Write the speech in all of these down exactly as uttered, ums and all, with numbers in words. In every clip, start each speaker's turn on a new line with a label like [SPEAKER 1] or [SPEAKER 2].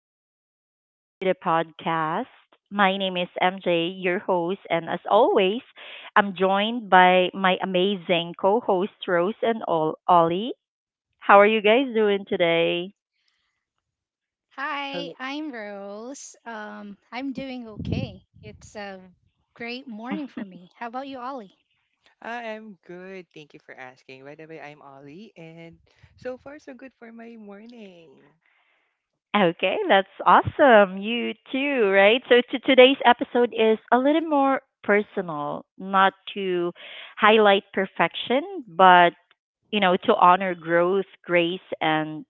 [SPEAKER 1] and welcome to the podcast. My name is M J, your host, and as always, I'm joined by my amazing co host, Rose and Ol- Ollie. How are you guys doing today?
[SPEAKER 2] Hi,
[SPEAKER 3] Hello.
[SPEAKER 2] I'm Rose. Um, I'm doing okay. It's a great morning for me. How about you, Ollie?
[SPEAKER 3] I'm good. Thank you for asking. By the way, I'm Ollie, and so far so good for my morning.
[SPEAKER 1] Okay, that's awesome. You too, right? So to today's episode is a little more personal, not to highlight perfection, but you know, to honor growth, grace, and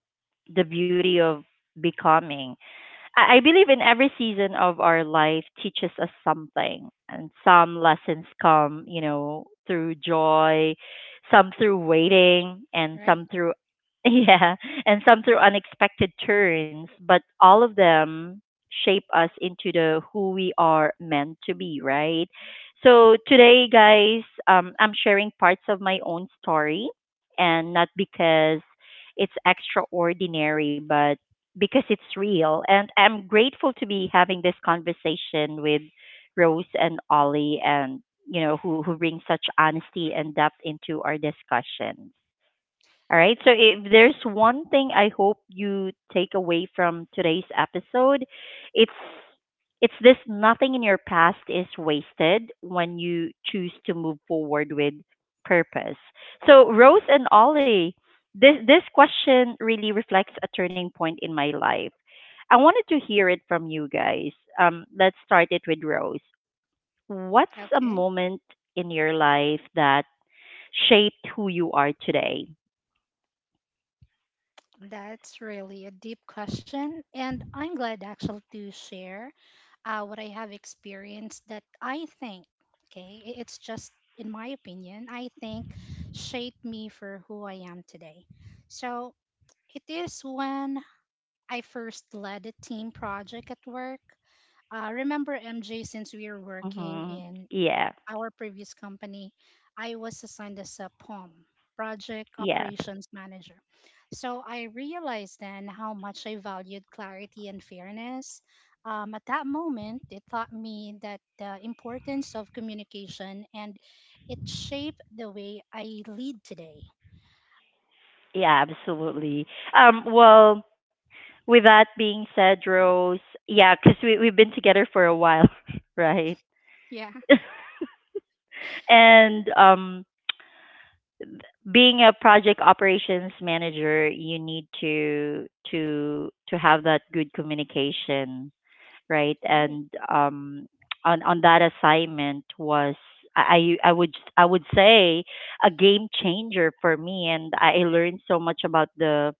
[SPEAKER 1] the beauty of becoming. I, I believe in every season of our life teaches us something, and some lessons come, you know, through joy, some through waiting, and
[SPEAKER 2] Right.
[SPEAKER 1] some through yeah, and some through unexpected turns. But all of them shape us into the who we are meant to be, right? So today, guys, um, I'm sharing parts of my own story, and not because it's extraordinary, but because it's real. And I'm grateful to be having this conversation with Rose and Ollie and you know who who bring such honesty and depth into our discussions. All right. So if there's one thing I hope you take away from today's episode, it's it's this. Nothing in your past is wasted when you choose to move forward with purpose. So Rose and Ollie, this this question really reflects a turning point in my life. I wanted to hear it from you guys. Um, let's start it with Rose. What's a
[SPEAKER 2] Okay.
[SPEAKER 1] moment in your life that shaped who you are today?
[SPEAKER 2] That's really a deep question. And I'm glad actually to share uh, what I have experienced that I think, okay, i- it's just in my opinion, I think shaped me for who I am today. So it is when I first led a team project at work. Uh, remember, M J, since we were working
[SPEAKER 1] Mm-hmm.
[SPEAKER 2] in
[SPEAKER 1] Yeah,
[SPEAKER 2] our previous company, I was assigned as a P O M, Project
[SPEAKER 1] yeah,
[SPEAKER 2] Operations Manager. So I realized then how much I valued clarity and fairness. Um, at that moment, it taught me that the importance of communication and it shaped the way I lead today.
[SPEAKER 1] yeah, absolutely. Um, well, with that being said, Rose, yeah, because we we've been together for a while, right?
[SPEAKER 2] Yeah.
[SPEAKER 1] and um, being a project operations manager, you need to to to have that good communication, right?
[SPEAKER 2] Right.
[SPEAKER 1] And um, on on that assignment was. I I I would I would say a game changer for me, and I learned so much about the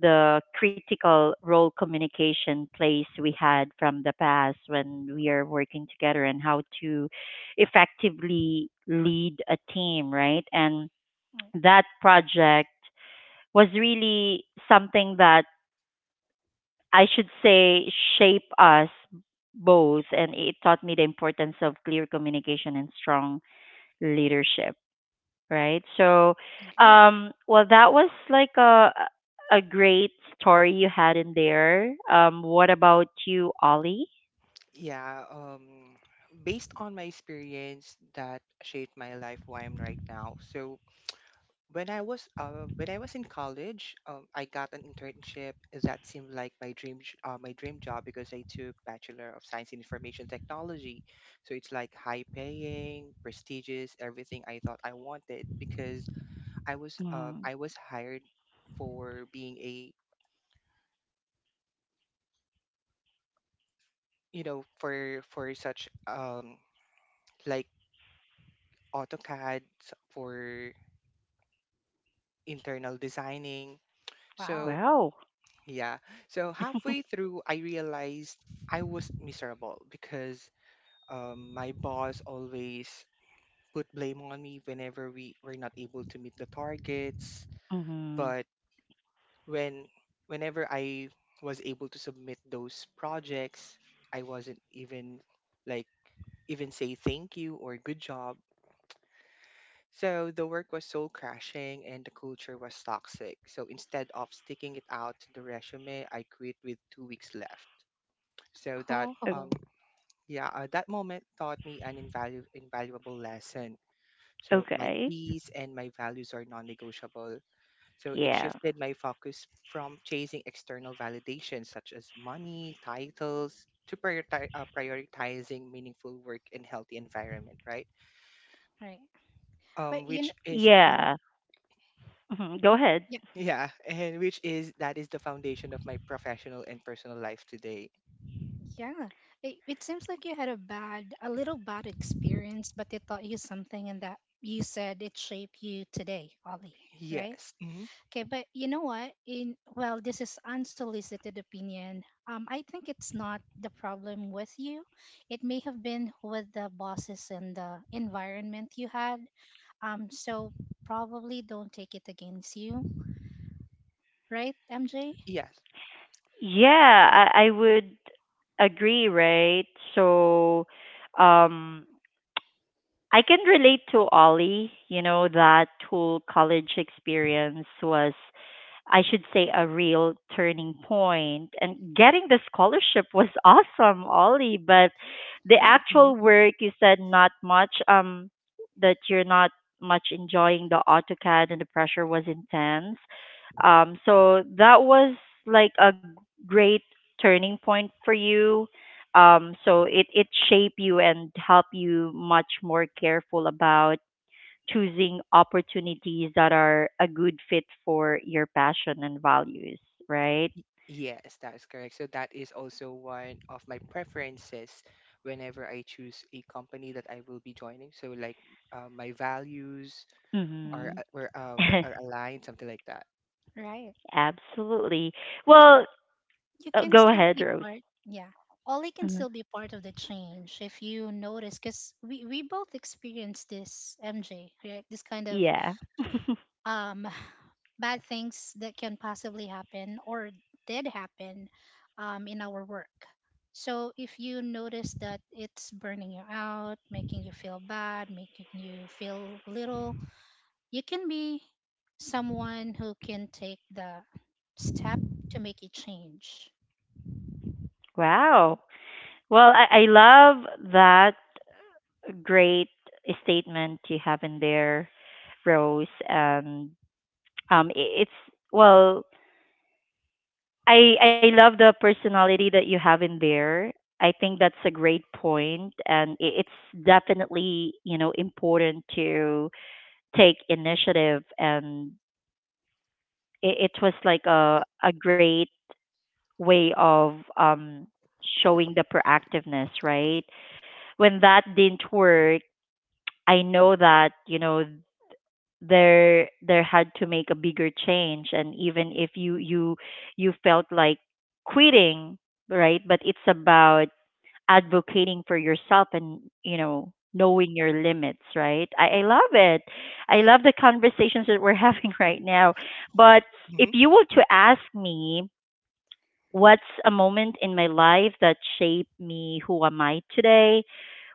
[SPEAKER 1] the critical role communication plays we had from the past when we are working together and how to effectively lead a team, right? And
[SPEAKER 2] Right.
[SPEAKER 1] that project was really something that I should say shape us both, and it taught me the importance of clear communication and strong leadership, right? So,
[SPEAKER 2] Agree.
[SPEAKER 1] um, well, that was like a a great story you had in there. Um, what about you, Ollie?
[SPEAKER 3] Yeah, um based on my experience that shaped my life where I'm right now. So when I was uh when I was in college, um I got an internship that seemed like my dream j- uh, my dream job because I took Bachelor of Science in Information Technology. So it's like high paying, prestigious, everything I thought I wanted because I was um I
[SPEAKER 1] Mm.
[SPEAKER 3] was hired for being a you know for for such um like AutoCAD s- for internal designing.
[SPEAKER 2] Wow.
[SPEAKER 3] So
[SPEAKER 1] Wow.
[SPEAKER 3] yeah. So halfway through I realized I was miserable because um my boss always put blame on me whenever we were not able to meet the targets. But
[SPEAKER 1] Mm-hmm.
[SPEAKER 3] when whenever I was able to submit those projects, I wasn't even like even say thank you or good job. So the work was soul crashing and the culture was toxic. So instead of sticking it out to the resume, I quit with two weeks left. So that um
[SPEAKER 2] Oh.
[SPEAKER 3] yeah, uh, that moment taught me an invalu- invaluable lesson. So my peace
[SPEAKER 1] Okay.
[SPEAKER 3] and my values are non-negotiable. So it shifted my
[SPEAKER 1] Yeah.
[SPEAKER 3] focus from chasing external validation such as money, titles, to prioritize uh, prioritizing meaningful work and healthy environment, right?
[SPEAKER 2] Right. But
[SPEAKER 3] um,
[SPEAKER 2] you
[SPEAKER 3] which is Mhm.
[SPEAKER 1] Yeah. Hmm. Go ahead.
[SPEAKER 2] know,
[SPEAKER 3] yeah, and which is that is the foundation of my professional and personal life today.
[SPEAKER 2] yeah, it, it seems like you had a bad, a little bad experience, but it taught you something, and that you said it shaped you today, Ollie, right?
[SPEAKER 3] Yes, hmm
[SPEAKER 2] Okay, but you know what? In Well, this is unsolicited opinion. Um, I think it's not the problem with you. It may have been with the bosses and the environment you had. Um, so probably don't take it against you, right, M J?
[SPEAKER 3] yes.
[SPEAKER 1] Yeah, I, I would agree, right? So, um, I can relate to Ollie. You know, that whole college experience was, I should say, a real turning point. And getting the scholarship was awesome, Ollie, but the
[SPEAKER 2] Right.
[SPEAKER 3] Mhm.
[SPEAKER 1] actual work, you said not much, um, that you're not much enjoying the AutoCAD, and the pressure was intense. Um, so that was like a great turning point for you. Um, so it, it shaped you and helped you much more careful about choosing opportunities that are a good fit for your passion and values, right?
[SPEAKER 3] Y- yes, that is correct. So that is also one of my preferences whenever I choose a company that I will be joining. So like uh, my values are
[SPEAKER 2] Mhm.
[SPEAKER 1] Hmm.
[SPEAKER 3] uh, were, uh, were- are aligned, something like that.
[SPEAKER 2] Right.
[SPEAKER 1] Absolutely.
[SPEAKER 2] And
[SPEAKER 1] Well,
[SPEAKER 2] you
[SPEAKER 1] uh,
[SPEAKER 2] can
[SPEAKER 1] go
[SPEAKER 2] still
[SPEAKER 1] ahead,
[SPEAKER 2] be
[SPEAKER 1] Rose.
[SPEAKER 2] part, yeah, Ollie can
[SPEAKER 1] Mhm.
[SPEAKER 2] still be part of the change if you notice because we, we both experienced this, MJ, right? This kind of
[SPEAKER 1] Yeah.
[SPEAKER 2] um bad things that can possibly happen or did happen um, in our work, so if you notice that it's burning you out, making you feel bad, making you feel little, you can be someone who can take the step to make a change,
[SPEAKER 1] Wow. Well, I, I love that great statement you have in there, Rose. And um, it, it's well, I I love the personality that you have in there. I think that's a great point, and i- it's definitely you know important to take initiative, and it, it was like a a great way of um showing the proactiveness, right? When that didn't work, I know that you know there there had to make a bigger change, and even if you you you felt like quitting, right? But it's about advocating for yourself and you know knowing your limits, right? I, I love it. I
[SPEAKER 2] right?
[SPEAKER 1] love the conversations that we're having right now. But if
[SPEAKER 3] Hmm.
[SPEAKER 1] you were to ask me what's a moment in my life that shaped me who am I today,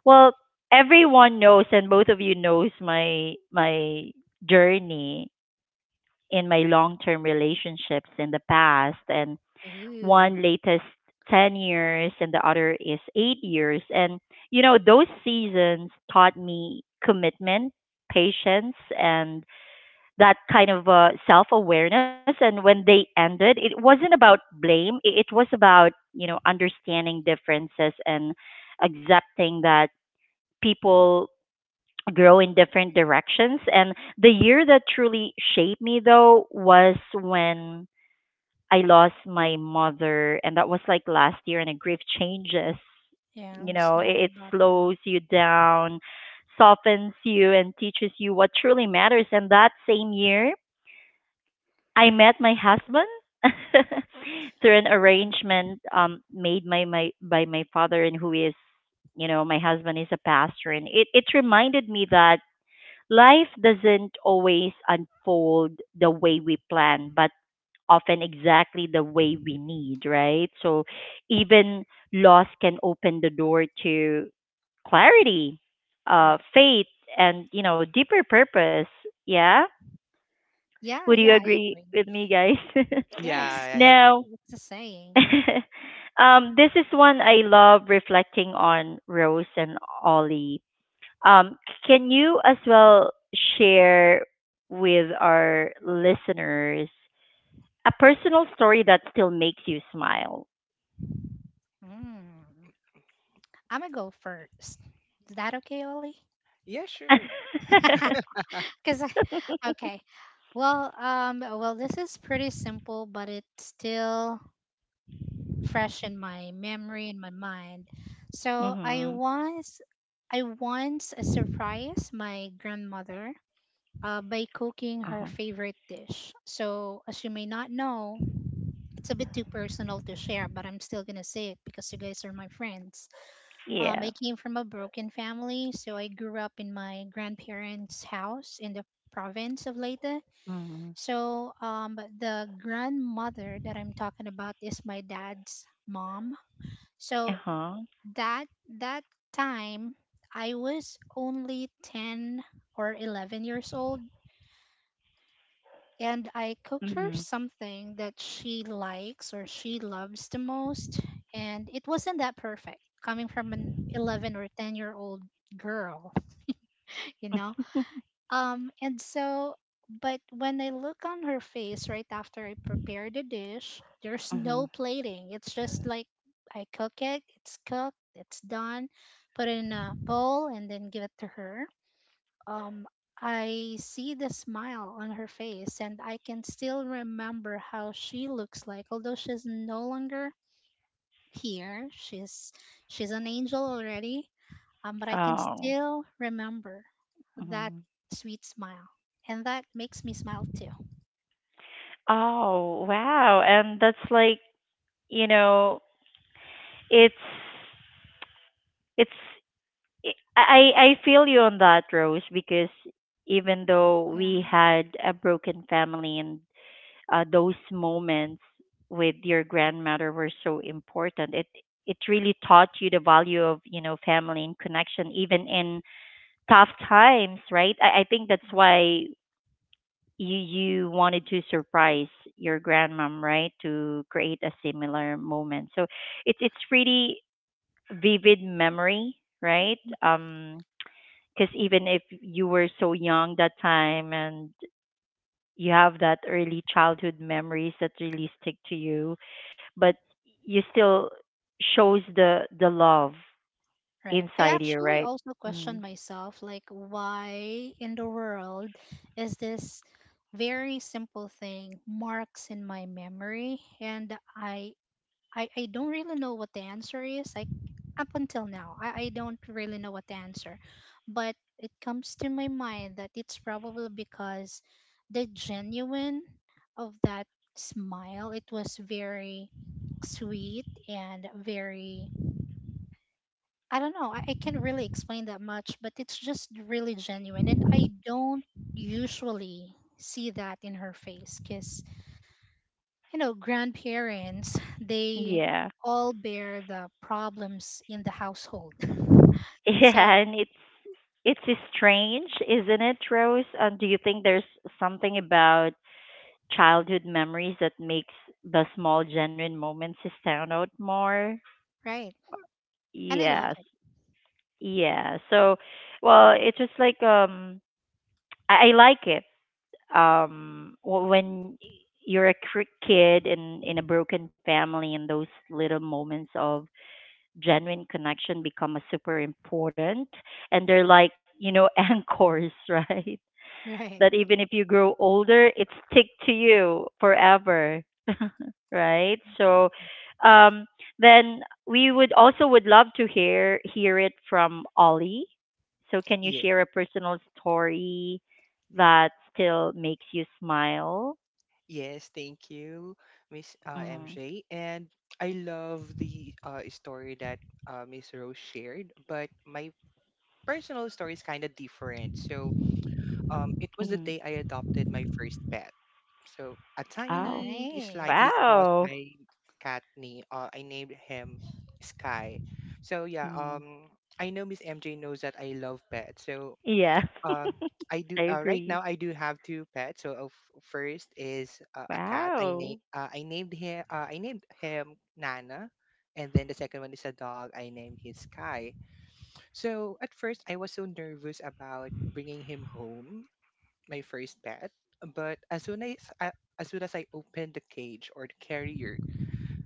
[SPEAKER 1] well, everyone knows and both of you knows my my journey in my long term relationships in the past, and
[SPEAKER 2] Ooh,
[SPEAKER 1] one latest ten years and the other is eight years. And you know those seasons taught me commitment, patience, and that kind of uh, self-awareness. And when they ended, it wasn't about blame. It it was about you know understanding differences and accepting that people grow in different directions. And the year that truly shaped me though was when I lost my mother, and that was like last year, and the grief changes.
[SPEAKER 2] yeah,
[SPEAKER 1] You
[SPEAKER 2] I'm
[SPEAKER 1] know, it,
[SPEAKER 2] sorry
[SPEAKER 1] it
[SPEAKER 2] about that.
[SPEAKER 1] slows you down, softens you, and teaches you what truly matters. And that same year, I met my husband through an
[SPEAKER 2] Yeah,
[SPEAKER 1] arrangement um, made by my by my father, and who is, you know, my husband is a pastor, and it it reminded me that life doesn't always unfold the way we plan, but often exactly the way we need, right? So even loss can open the door to clarity, uh,
[SPEAKER 2] right.
[SPEAKER 1] faith, and you know deeper purpose. Yeah, would
[SPEAKER 2] Yeah,
[SPEAKER 1] you
[SPEAKER 2] yeah, I
[SPEAKER 1] agree
[SPEAKER 2] agree.
[SPEAKER 1] with me, guys?
[SPEAKER 3] Yeah,
[SPEAKER 2] Yes,
[SPEAKER 3] I
[SPEAKER 1] Now,
[SPEAKER 3] agree.
[SPEAKER 2] it's a saying.
[SPEAKER 1] um, this is one I love reflecting on, Rose and Ollie. Um, can you as well share with our listeners a personal story that still makes you smile?
[SPEAKER 2] Mm. I'm gonna go first. Is that okay, Ollie?
[SPEAKER 3] Yeah, sure.
[SPEAKER 2] Because I, okay. Well, um, well, this is pretty simple, but it's still fresh in my memory and my mind. So I
[SPEAKER 1] Mhm.
[SPEAKER 2] once, I once uh, surprised my grandmother uh, by
[SPEAKER 1] Uh
[SPEAKER 2] cooking
[SPEAKER 1] huh.
[SPEAKER 2] her favorite dish. So as you may not know, it's a bit too personal to share, but I'm still gonna say it because you guys are my friends. Um,
[SPEAKER 1] Yeah.
[SPEAKER 2] I came from a broken family, so I grew up in my grandparents' house in the province of Leyte.
[SPEAKER 1] Mhm.
[SPEAKER 2] So, um, but the grandmother that I'm talking about is my dad's mom.
[SPEAKER 1] Uh
[SPEAKER 2] So
[SPEAKER 1] huh.
[SPEAKER 2] that that time I was only ten or eleven years old and I cooked her
[SPEAKER 1] Mhm.
[SPEAKER 2] something that she likes or she loves the most. And it wasn't that perfect coming from an eleven or ten year old girl, you know? Um, and so, but when I look on her face right after I prepare the dish, there's no
[SPEAKER 1] Mhm.
[SPEAKER 2] plating. It's just like I cook it, it's cooked, it's done, put it in a bowl, and then give it to her, um, I see the smile on her face, and I can still remember how she looks like. Although she's no longer here, she's she's an angel already. Um, but I can
[SPEAKER 1] Oh.
[SPEAKER 2] still remember that
[SPEAKER 1] Mhm.
[SPEAKER 2] sweet smile, and that makes me smile too.
[SPEAKER 1] Oh wow! And that's like you know, it's it's I I I feel you on that, Rose, because even though we
[SPEAKER 2] Yeah.
[SPEAKER 1] had a broken family and uh, those moments with your grandmother were so important, it it really taught you the value of you know family and connection, even in tough times, right? I, I think that's
[SPEAKER 2] All
[SPEAKER 1] why you you wanted to surprise your grandmom, right? To create a similar moment. So it's it's really vivid memory, right?
[SPEAKER 2] right.
[SPEAKER 1] Um, because even if you were so young that time and you have that early childhood memories that really stick to you, but you still shows the the love
[SPEAKER 2] Right. I
[SPEAKER 1] inside you,
[SPEAKER 2] actually
[SPEAKER 1] right?
[SPEAKER 2] also question
[SPEAKER 1] Mm.
[SPEAKER 2] myself, like, why in the world is this very simple thing marks in my memory? And I, I, I don't really know what the answer is. Like, up until now, I, I don't really know what the answer. But it comes to my mind that it's probably because the genuine of that smile, it was very sweet and very I don't know. I, I can't really explain that much, but it's just really genuine. And I don't usually see that in her face because, you know, grandparents, they
[SPEAKER 1] Yeah.
[SPEAKER 2] all bear the problems in the household.
[SPEAKER 1] Yeah,
[SPEAKER 2] So,
[SPEAKER 1] and it's it's strange, isn't it, Rose? Um, do you think there's something about childhood memories that makes the small genuine moments stand out more?
[SPEAKER 2] right. And I love
[SPEAKER 1] Yes.
[SPEAKER 2] it.
[SPEAKER 1] Yeah. So, well, it's just like um I, I like it. Um wh- when you're a cr- kid in in a broken family, and those little moments of genuine connection become a super important, and they're like, you know, anchors, right? That
[SPEAKER 2] Right.
[SPEAKER 1] even if you grow older, it stick to you forever, right? So, um, then we would also would love to hear hear it from Ollie. So, can you share a personal story that still makes you smile?
[SPEAKER 3] Yes, thank you, Miss uh,
[SPEAKER 1] Mm-hmm.
[SPEAKER 3] M J. And I love the uh, story that uh, Miss Rose shared, but my personal story is kind of different. So um, it was the
[SPEAKER 1] Mm-hmm.
[SPEAKER 3] day I adopted my first pet. So a
[SPEAKER 1] Oh,
[SPEAKER 3] tiny, slightly
[SPEAKER 2] Nice.
[SPEAKER 1] wow.
[SPEAKER 3] cross-eyed cat. Name, uh, I named him Sky. So yeah,
[SPEAKER 1] Mm-hmm.
[SPEAKER 3] um, I know Miss M J knows that I love pets. So
[SPEAKER 1] Yeah,
[SPEAKER 3] um I do
[SPEAKER 1] I
[SPEAKER 3] uh, right now
[SPEAKER 1] agree.
[SPEAKER 3] I do have two pets. So uh, f- first is uh, a cat. I named
[SPEAKER 1] Wow.
[SPEAKER 3] uh, I named him uh, I named him Nana, and then the second one is a dog. I named him Sky. So at first I was so nervous about bringing him home, my first pet. But as soon as I, as soon as I opened the cage or the carrier,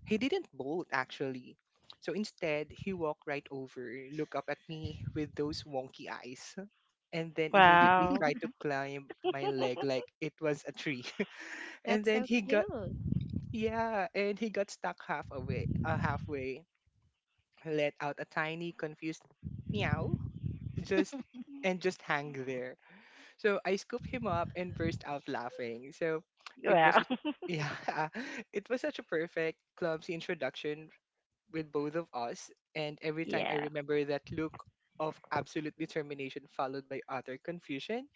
[SPEAKER 3] he didn't bolt actually. So instead, he walked right over, looked up at me with those wonky eyes and then immediately
[SPEAKER 1] Wow.
[SPEAKER 3] tried to climb my leg like it was a tree. and
[SPEAKER 2] That's
[SPEAKER 3] then
[SPEAKER 2] so
[SPEAKER 3] he got
[SPEAKER 2] cute.
[SPEAKER 3] yeah, and he got stuck half away, uh, halfway, let out a tiny confused meow, just and just hang there. So I scooped him up and burst out laughing. So it was
[SPEAKER 1] Wow.
[SPEAKER 3] a, yeah, it was such a perfect clumsy introduction with both of us. And every time I
[SPEAKER 1] Yeah.
[SPEAKER 3] remember that look of absolute determination followed by utter confusion,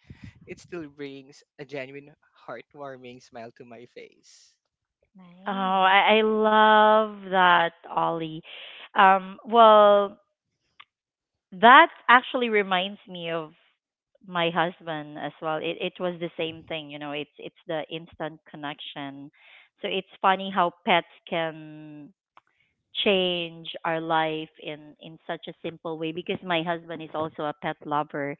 [SPEAKER 3] it still brings a genuine heartwarming smile to my face.
[SPEAKER 1] Oh,
[SPEAKER 2] Nice.
[SPEAKER 1] I, I love that, Ollie. Um, well, that actually reminds me of my husband as well. It it was the same thing, you know. It's it's the instant connection. So it's funny how pets can change our life in in such a simple way, because my husband is also a pet lover.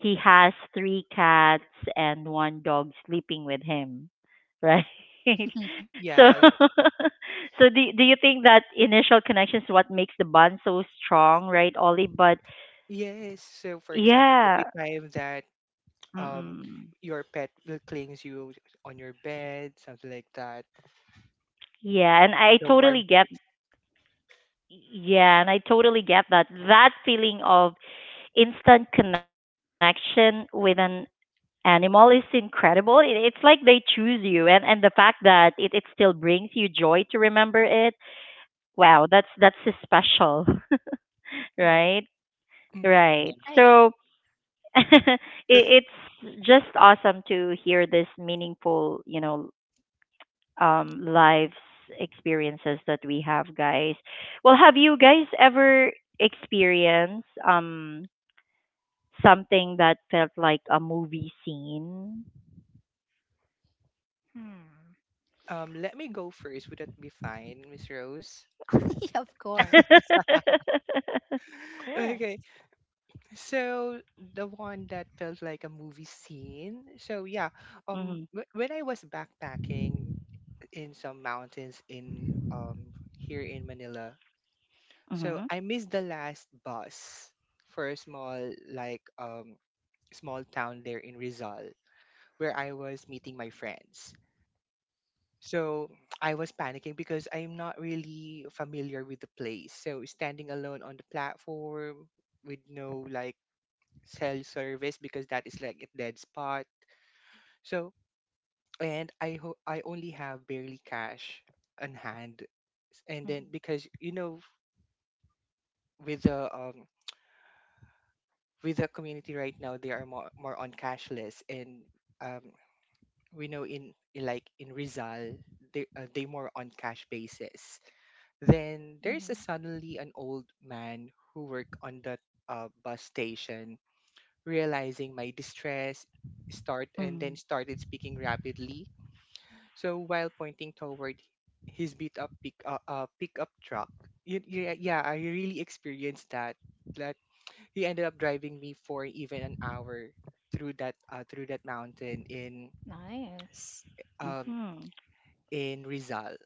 [SPEAKER 1] He has three cats and one dog sleeping with him, right? So
[SPEAKER 3] Yeah,
[SPEAKER 1] so do do you think that initial connection is what makes the bond so strong, right, Ollie? But
[SPEAKER 3] yes. So for example,
[SPEAKER 1] yeah,
[SPEAKER 3] every time that um
[SPEAKER 1] mm,
[SPEAKER 3] your pet will clings you on your bed, something like that.
[SPEAKER 1] yeah, and I
[SPEAKER 3] The
[SPEAKER 1] totally
[SPEAKER 3] warm
[SPEAKER 1] get
[SPEAKER 3] hug.
[SPEAKER 1] yeah, and I totally get that that feeling of instant connection with an animal is incredible. It, it's like they choose you, and and the fact that it it still brings you joy to remember it. Wow, that's that's so special,
[SPEAKER 2] Right.
[SPEAKER 1] right?
[SPEAKER 3] Mm,
[SPEAKER 1] Right.
[SPEAKER 3] yeah.
[SPEAKER 2] Right.
[SPEAKER 1] So it, it's just awesome to hear this meaningful, you know, um, lives experiences that we have, guys. Well, have you guys ever experienced um something that felt like a movie scene?
[SPEAKER 2] Hmm.
[SPEAKER 3] Um, let me go first. Would that be fine, Miss Rose?
[SPEAKER 2] Of course. Of course.
[SPEAKER 3] Okay. So the one that felt like a movie scene. So yeah, um
[SPEAKER 1] Mhm.
[SPEAKER 3] wh- when I was backpacking in some mountains in um here in Manila. So
[SPEAKER 1] Mhm.
[SPEAKER 3] I missed the last bus for a small like um small town there in Rizal where I was meeting my friends. So I was panicking because I'm not really familiar with the place. So standing alone on the platform with no like cell service because that is like a dead spot. So and I ho- I only have barely cash on hand and
[SPEAKER 2] Hmm,
[SPEAKER 3] then because you know with the um with the community right now they are more, more on cashless and um, we know in in like in Rizal they uh, they more on cash basis. Then there's a
[SPEAKER 2] hmm.
[SPEAKER 3] suddenly an old man who worked on the uh, bus station realizing my distress start and then
[SPEAKER 1] Mhm.
[SPEAKER 3] started speaking rapidly so while pointing toward his beat up pick uh, uh, pickup truck. Y- yeah, yeah, I really experienced that. That he ended up driving me for even an hour through that uh, through that mountain in
[SPEAKER 2] Nice.
[SPEAKER 3] um
[SPEAKER 1] Mhm.
[SPEAKER 3] in Rizal.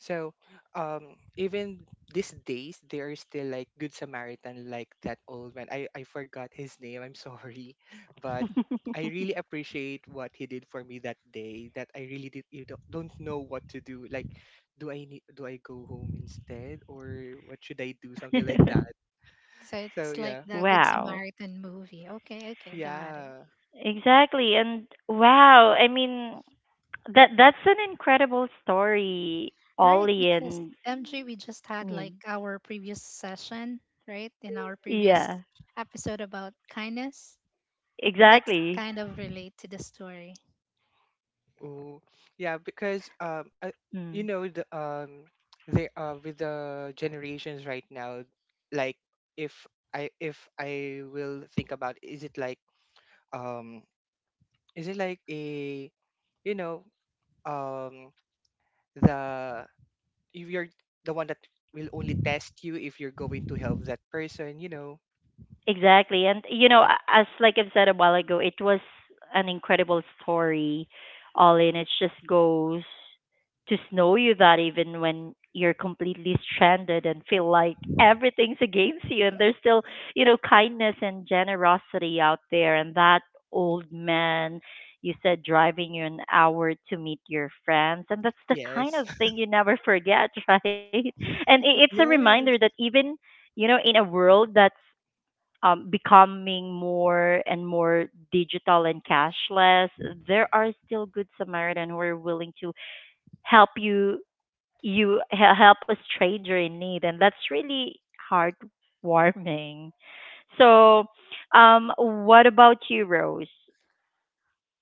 [SPEAKER 3] So um even these days there is still like good Samaritan like that old man. I I forgot his name. I'm sorry, but I really appreciate what he did for me that day. That I really did you don't, don't know what to do. Like, do I need do I go home instead or what should I do? Something like that.
[SPEAKER 2] So
[SPEAKER 3] So
[SPEAKER 2] it's like
[SPEAKER 3] yeah,
[SPEAKER 2] the Good
[SPEAKER 1] Wow.
[SPEAKER 2] Samaritan movie. Okay, okay, got it.
[SPEAKER 3] yeah.
[SPEAKER 1] Exactly. And wow, I mean that that's an incredible story,
[SPEAKER 2] Right,
[SPEAKER 1] Ollie.
[SPEAKER 2] because
[SPEAKER 1] And
[SPEAKER 2] M J, we just
[SPEAKER 1] I
[SPEAKER 2] had like
[SPEAKER 1] mean,
[SPEAKER 2] our previous session, right? In our previous
[SPEAKER 1] yeah.
[SPEAKER 2] episode about kindness. That's
[SPEAKER 1] Exactly.
[SPEAKER 2] kind of relate to the story.
[SPEAKER 3] Oh, yeah,
[SPEAKER 1] And
[SPEAKER 3] because um, uh,
[SPEAKER 1] mm.
[SPEAKER 3] you know the um, they uh with the generations right now, like if I if I will think about is it like um is it like a you know um the if you're the one that will only test you if you're going to help that person, you know.
[SPEAKER 1] Exactly. And you know,
[SPEAKER 3] Yeah.
[SPEAKER 1] a- as like I've said a while ago, it was an incredible story all in. It just goes to know you that even when you're completely stranded and feel like everything's against you, and there's still, you know, kindness and generosity out there, and that old man you said driving you an hour to meet your friends, and that's the kind
[SPEAKER 3] Yes.
[SPEAKER 1] of thing you never forget, right? And i- it's a reminder that
[SPEAKER 3] Yes.
[SPEAKER 1] even you know, in a world that's um, becoming more and more digital and cashless, there are still good Samaritan who are willing to help you you he- help a stranger in need, and that's really heartwarming. So, um, what about you, Rose?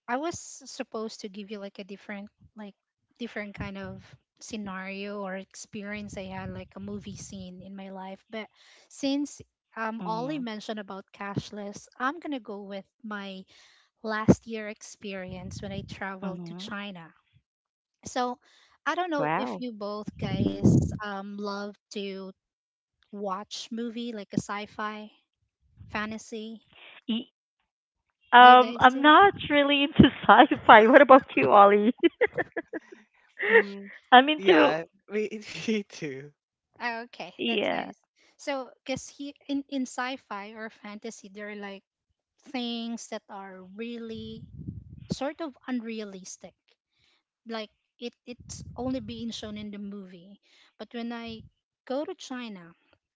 [SPEAKER 2] I was supposed to give you like a different, like different kind of scenario or experience I had, like a movie scene in my life. But since um Ollie
[SPEAKER 1] Hmm.
[SPEAKER 2] mentioned about cashless, I'm gonna go with my last year experience when I traveled to
[SPEAKER 1] Hmm.
[SPEAKER 2] China. So I don't know if you
[SPEAKER 1] Wow.
[SPEAKER 2] both guys um, love to watch movie like a sci-fi fantasy.
[SPEAKER 1] Y-
[SPEAKER 2] Do you
[SPEAKER 1] Um,
[SPEAKER 2] guys
[SPEAKER 1] I'm
[SPEAKER 2] do?
[SPEAKER 1] not really into sci-fi. What about you, Ollie?
[SPEAKER 3] Mm,
[SPEAKER 1] I'm
[SPEAKER 3] yeah.
[SPEAKER 1] into
[SPEAKER 3] Me, me too.
[SPEAKER 2] Oh, okay, that's nice.
[SPEAKER 1] yeah.
[SPEAKER 2] So because he in, in sci-fi or fantasy, there are like things that are really sort of unrealistic. Like it it's only being shown in the movie. But when I go to China,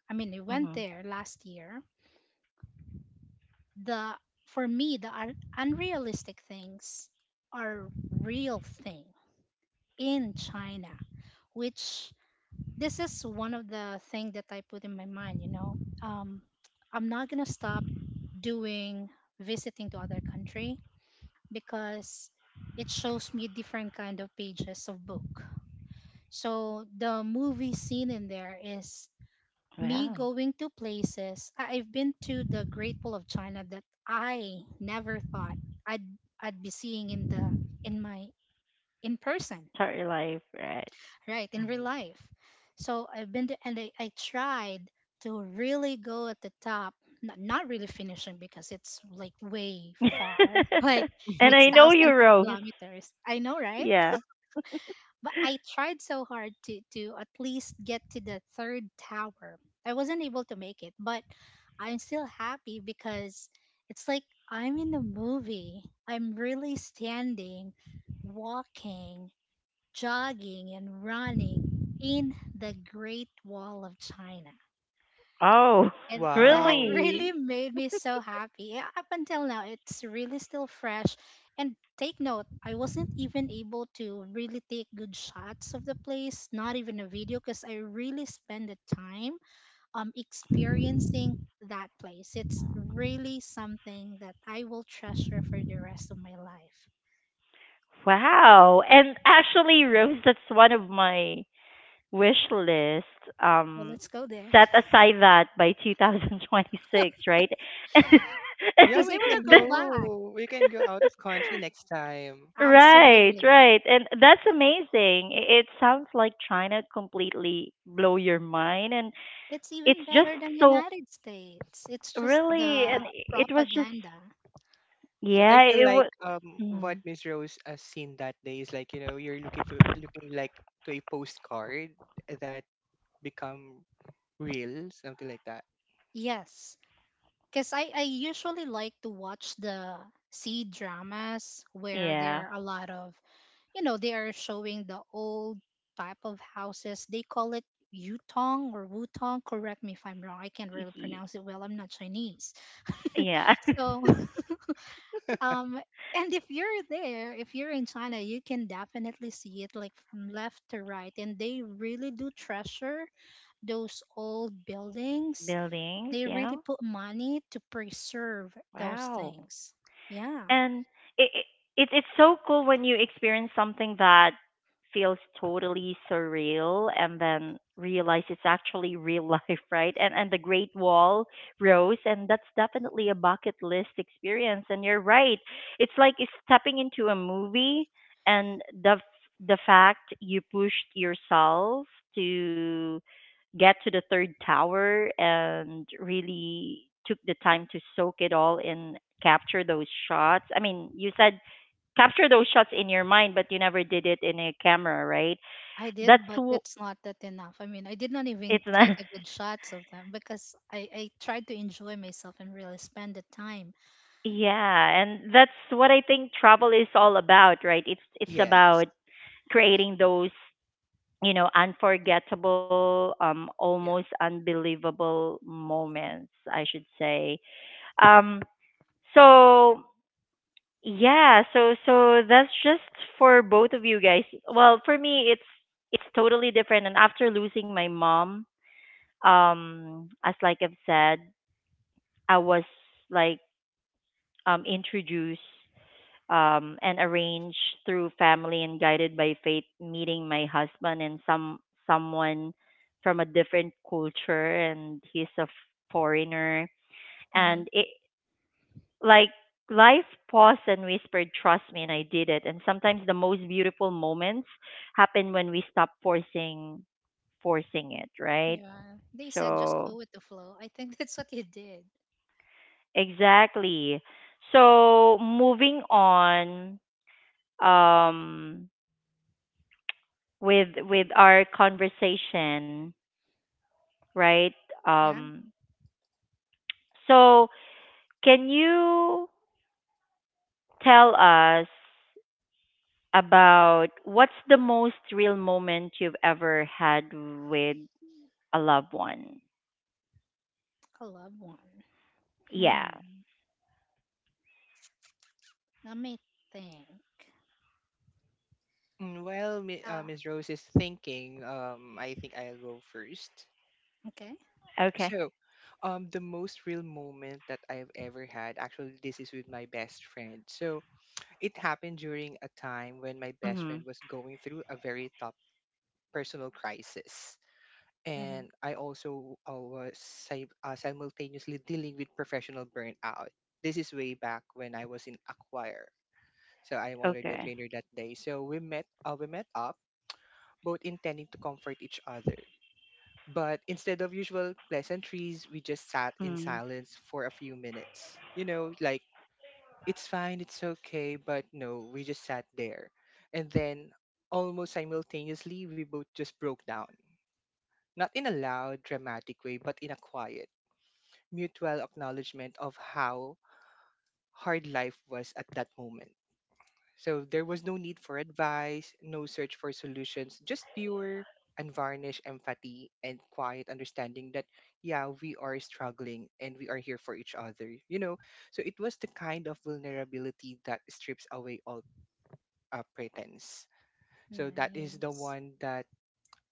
[SPEAKER 2] I mean I went there
[SPEAKER 1] Hmm.
[SPEAKER 2] last year, the for me the un- unrealistic things are real thing in China, which this is one of the thing that I put in my mind, you know. um, I'm not going to stop doing visiting to other country because it shows me different kind of pages of book. So the movie scene in there is me
[SPEAKER 1] Wow.
[SPEAKER 2] going to places. I- I've been to the Great Wall of China that I never thought I'd I'd be seeing in the in my in person,
[SPEAKER 1] Sorry, life, right?
[SPEAKER 2] right, in real
[SPEAKER 3] Mhm.
[SPEAKER 2] life. So I've been to, and I, I tried to really go at the top, not, not really finishing because it's like way far, like
[SPEAKER 1] And
[SPEAKER 2] it's
[SPEAKER 1] I know you,
[SPEAKER 2] thousands of
[SPEAKER 1] Rose.
[SPEAKER 2] kilometers. I know, right?
[SPEAKER 1] Yeah.
[SPEAKER 2] But I tried so hard to to at least get to the third tower. I wasn't able to make it, but I'm still happy because it's like I'm in a movie. I'm really standing, walking, jogging and running in the Great Wall of China.
[SPEAKER 1] Oh,
[SPEAKER 2] And that
[SPEAKER 3] Wow.
[SPEAKER 1] really?
[SPEAKER 2] really made me so happy. Yeah, up until now, it's really still fresh. And take note, I wasn't even able to really take good shots of the place, not even a video, because I really spend the time um experiencing that place. It's really something that I will treasure for the rest of my life.
[SPEAKER 1] Wow. And actually, Rose, that's one of my wish list.
[SPEAKER 2] Well,
[SPEAKER 1] Um,
[SPEAKER 2] let's go there
[SPEAKER 1] Set aside that by twenty twenty-six, right? And
[SPEAKER 3] Yeah,
[SPEAKER 2] because
[SPEAKER 3] we
[SPEAKER 2] I want
[SPEAKER 3] can
[SPEAKER 2] to go
[SPEAKER 1] the-
[SPEAKER 2] back.
[SPEAKER 3] go. We can go out of country next time.
[SPEAKER 1] right,
[SPEAKER 2] Absolutely.
[SPEAKER 1] right. And that's amazing. I- It sounds like China completely blow your mind, and
[SPEAKER 2] It's even
[SPEAKER 1] it's just
[SPEAKER 2] better than
[SPEAKER 1] so
[SPEAKER 2] United States. It's just
[SPEAKER 1] really and
[SPEAKER 2] the
[SPEAKER 1] it was just
[SPEAKER 2] propaganda.
[SPEAKER 3] So I
[SPEAKER 1] yeah,
[SPEAKER 3] feel
[SPEAKER 1] it
[SPEAKER 3] like
[SPEAKER 1] was.
[SPEAKER 3] um what
[SPEAKER 1] Mm,
[SPEAKER 3] Miss Rose has seen that day is like, you know, you're looking for looking like to a postcard that become real, something like that.
[SPEAKER 2] Yes, because I, I usually like to watch the C dramas where
[SPEAKER 1] yeah.
[SPEAKER 2] there are a lot of, you know, they are showing the old type of houses. They call it Yutong or Wutong. Correct me if I'm wrong. I can't really
[SPEAKER 1] Ye-
[SPEAKER 2] pronounce it well. I'm not Chinese.
[SPEAKER 1] Yeah.
[SPEAKER 2] So, um, and if you're there, if you're in China, you can definitely see it like from left to right. And they really do treasure those old buildings.
[SPEAKER 1] Buildings.
[SPEAKER 2] They really
[SPEAKER 1] Yeah.
[SPEAKER 2] put money to preserve those
[SPEAKER 1] Wow.
[SPEAKER 2] things. Yeah,
[SPEAKER 1] And it, it it it's so cool when you experience something that feels totally surreal and then realize it's actually real life, right? And and the Great Wall rose, and that's definitely a bucket list experience, and you're right. It's like it's stepping into a movie, and the f- the fact you pushed yourself to get to the third tower and really took the time to soak it all in, capture those shots. I mean, you said capture those shots in your mind, but you never did it in a camera, right?
[SPEAKER 2] I did,
[SPEAKER 1] That's
[SPEAKER 2] but
[SPEAKER 1] w-
[SPEAKER 2] it's not that enough. I mean, I did not
[SPEAKER 1] it's
[SPEAKER 2] even
[SPEAKER 1] not.
[SPEAKER 2] take a good shots of them because I, I tried to enjoy myself and really spend the time.
[SPEAKER 1] Yeah, and that's what I think travel is all about, right? It's it's
[SPEAKER 3] Yes.
[SPEAKER 1] about creating those, you know, unforgettable, um, almost
[SPEAKER 3] Yeah.
[SPEAKER 1] unbelievable moments, I should say. Um, so Yeah, so so that's just for both of you guys. Well, for me it's it's totally different, and after losing my mom, um as like I've said, I was like um introduced um and arranged through family and guided by faith, meeting my husband, and some someone from a different culture, and he's a foreigner.
[SPEAKER 2] Hmm.
[SPEAKER 1] And it, like life paused and whispered trust me, and I did it, and sometimes the most beautiful moments happen when we stop forcing forcing it, right?
[SPEAKER 2] Yeah, they said just
[SPEAKER 1] so
[SPEAKER 2] go with the flow. I think that's what you did.
[SPEAKER 1] exactly. So moving on, um with with our conversation, right?
[SPEAKER 2] Yeah,
[SPEAKER 1] um so can you tell us about what's the most real moment you've ever had with a loved one.
[SPEAKER 2] I love one.
[SPEAKER 1] Yeah.
[SPEAKER 2] Hmm. Let me think.
[SPEAKER 3] Mm, well, Mi- uh,
[SPEAKER 2] Ah,
[SPEAKER 3] Miss Rose is thinking, um I think I'll go first.
[SPEAKER 2] okay.
[SPEAKER 1] Okay.
[SPEAKER 3] So, um the most real moment that I've ever had, actually this is with my best friend. So, it happened during a time when my best
[SPEAKER 1] Hmm.
[SPEAKER 3] friend was going through a very tough personal crisis.
[SPEAKER 2] Hmm.
[SPEAKER 3] And I also uh, was si- uh, simultaneously dealing with professional burnout. This is way back when I was in a choir. So I'm already a
[SPEAKER 1] Okay.
[SPEAKER 3] trainer that day. So we met, uh, we met up, both intending to comfort each other. But instead of usual pleasantries, we just sat in
[SPEAKER 1] Mm.
[SPEAKER 3] silence for a few minutes. You know, like it's fine, it's okay, but no, we just sat there. And then almost simultaneously, we both just broke down. Not in a loud, dramatic way, but in a quiet, mutual acknowledgement of how hard life was at that moment. So there was no need for advice, no search for solutions, just pure, unvarnished empathy and quiet understanding that, yeah, we are struggling and we are here for each other. You know, so it was the kind of vulnerability that strips away all uh, pretense. So that is the
[SPEAKER 2] Nice.
[SPEAKER 3] one that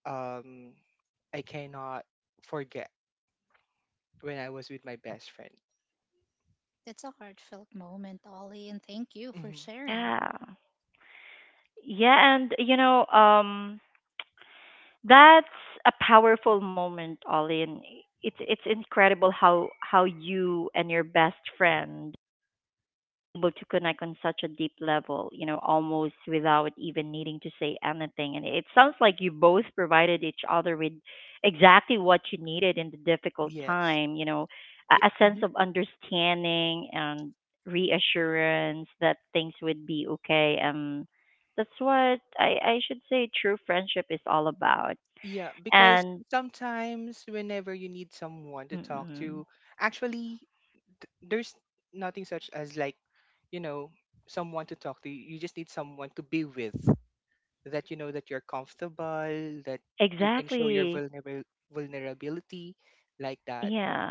[SPEAKER 3] um, I cannot forget when I was with my best friend.
[SPEAKER 2] That's a heartfelt moment, Ollie, and thank you for
[SPEAKER 3] Hmm.
[SPEAKER 2] sharing.
[SPEAKER 1] Yeah. Yeah, and you know, um, that's a powerful moment, Ollie, and it's it's incredible how how you and your best friend able to connect on such a deep level, you know, almost without even needing to say anything. And it sounds like you both provided each other with exactly what you needed in the difficult
[SPEAKER 3] Yes.
[SPEAKER 1] time, you know,
[SPEAKER 3] Y-
[SPEAKER 1] a, a sense
[SPEAKER 3] mhm.
[SPEAKER 1] of understanding and reassurance that things would be okay. Um, that's what I, I should say true friendship is all about.
[SPEAKER 3] Yeah, because
[SPEAKER 1] And
[SPEAKER 3] sometimes whenever you need someone to
[SPEAKER 1] mm
[SPEAKER 3] talk to,
[SPEAKER 1] mm,
[SPEAKER 3] actually, th- there's nothing such as like, you know, someone to talk to. You just need someone to be with that you know that you're comfortable, that you can show your
[SPEAKER 1] exactly.
[SPEAKER 3] vulnerable vulnerability like that.
[SPEAKER 1] Yeah.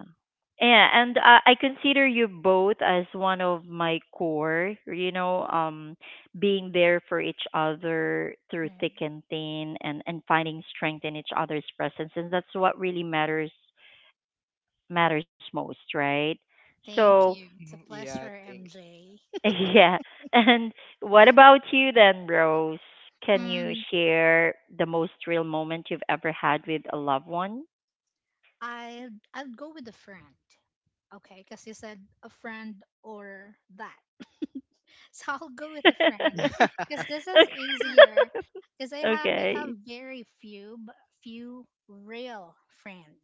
[SPEAKER 1] Yeah, and uh, I consider you both as one of my core, you know, um, being there for each other through
[SPEAKER 2] Right.
[SPEAKER 1] thick and thin, and and finding strength in each other's presence. And that's what really matters matters most, right?
[SPEAKER 2] Thank
[SPEAKER 1] So,
[SPEAKER 2] you. It's a
[SPEAKER 3] Mhm.
[SPEAKER 2] pleasure,
[SPEAKER 3] Yeah, thanks.
[SPEAKER 2] M J.
[SPEAKER 1] yeah. And what about you then, Rose? Can you
[SPEAKER 2] Mm,
[SPEAKER 1] share the most real moment you've ever had with a loved one?
[SPEAKER 2] I I'd go with a friend. Okay, because you said a friend or that. So I'll go with a
[SPEAKER 1] Okay.
[SPEAKER 2] friend
[SPEAKER 3] Yeah.
[SPEAKER 2] because this is easier. Because I have I have
[SPEAKER 1] Okay.
[SPEAKER 2] very few but few real friend.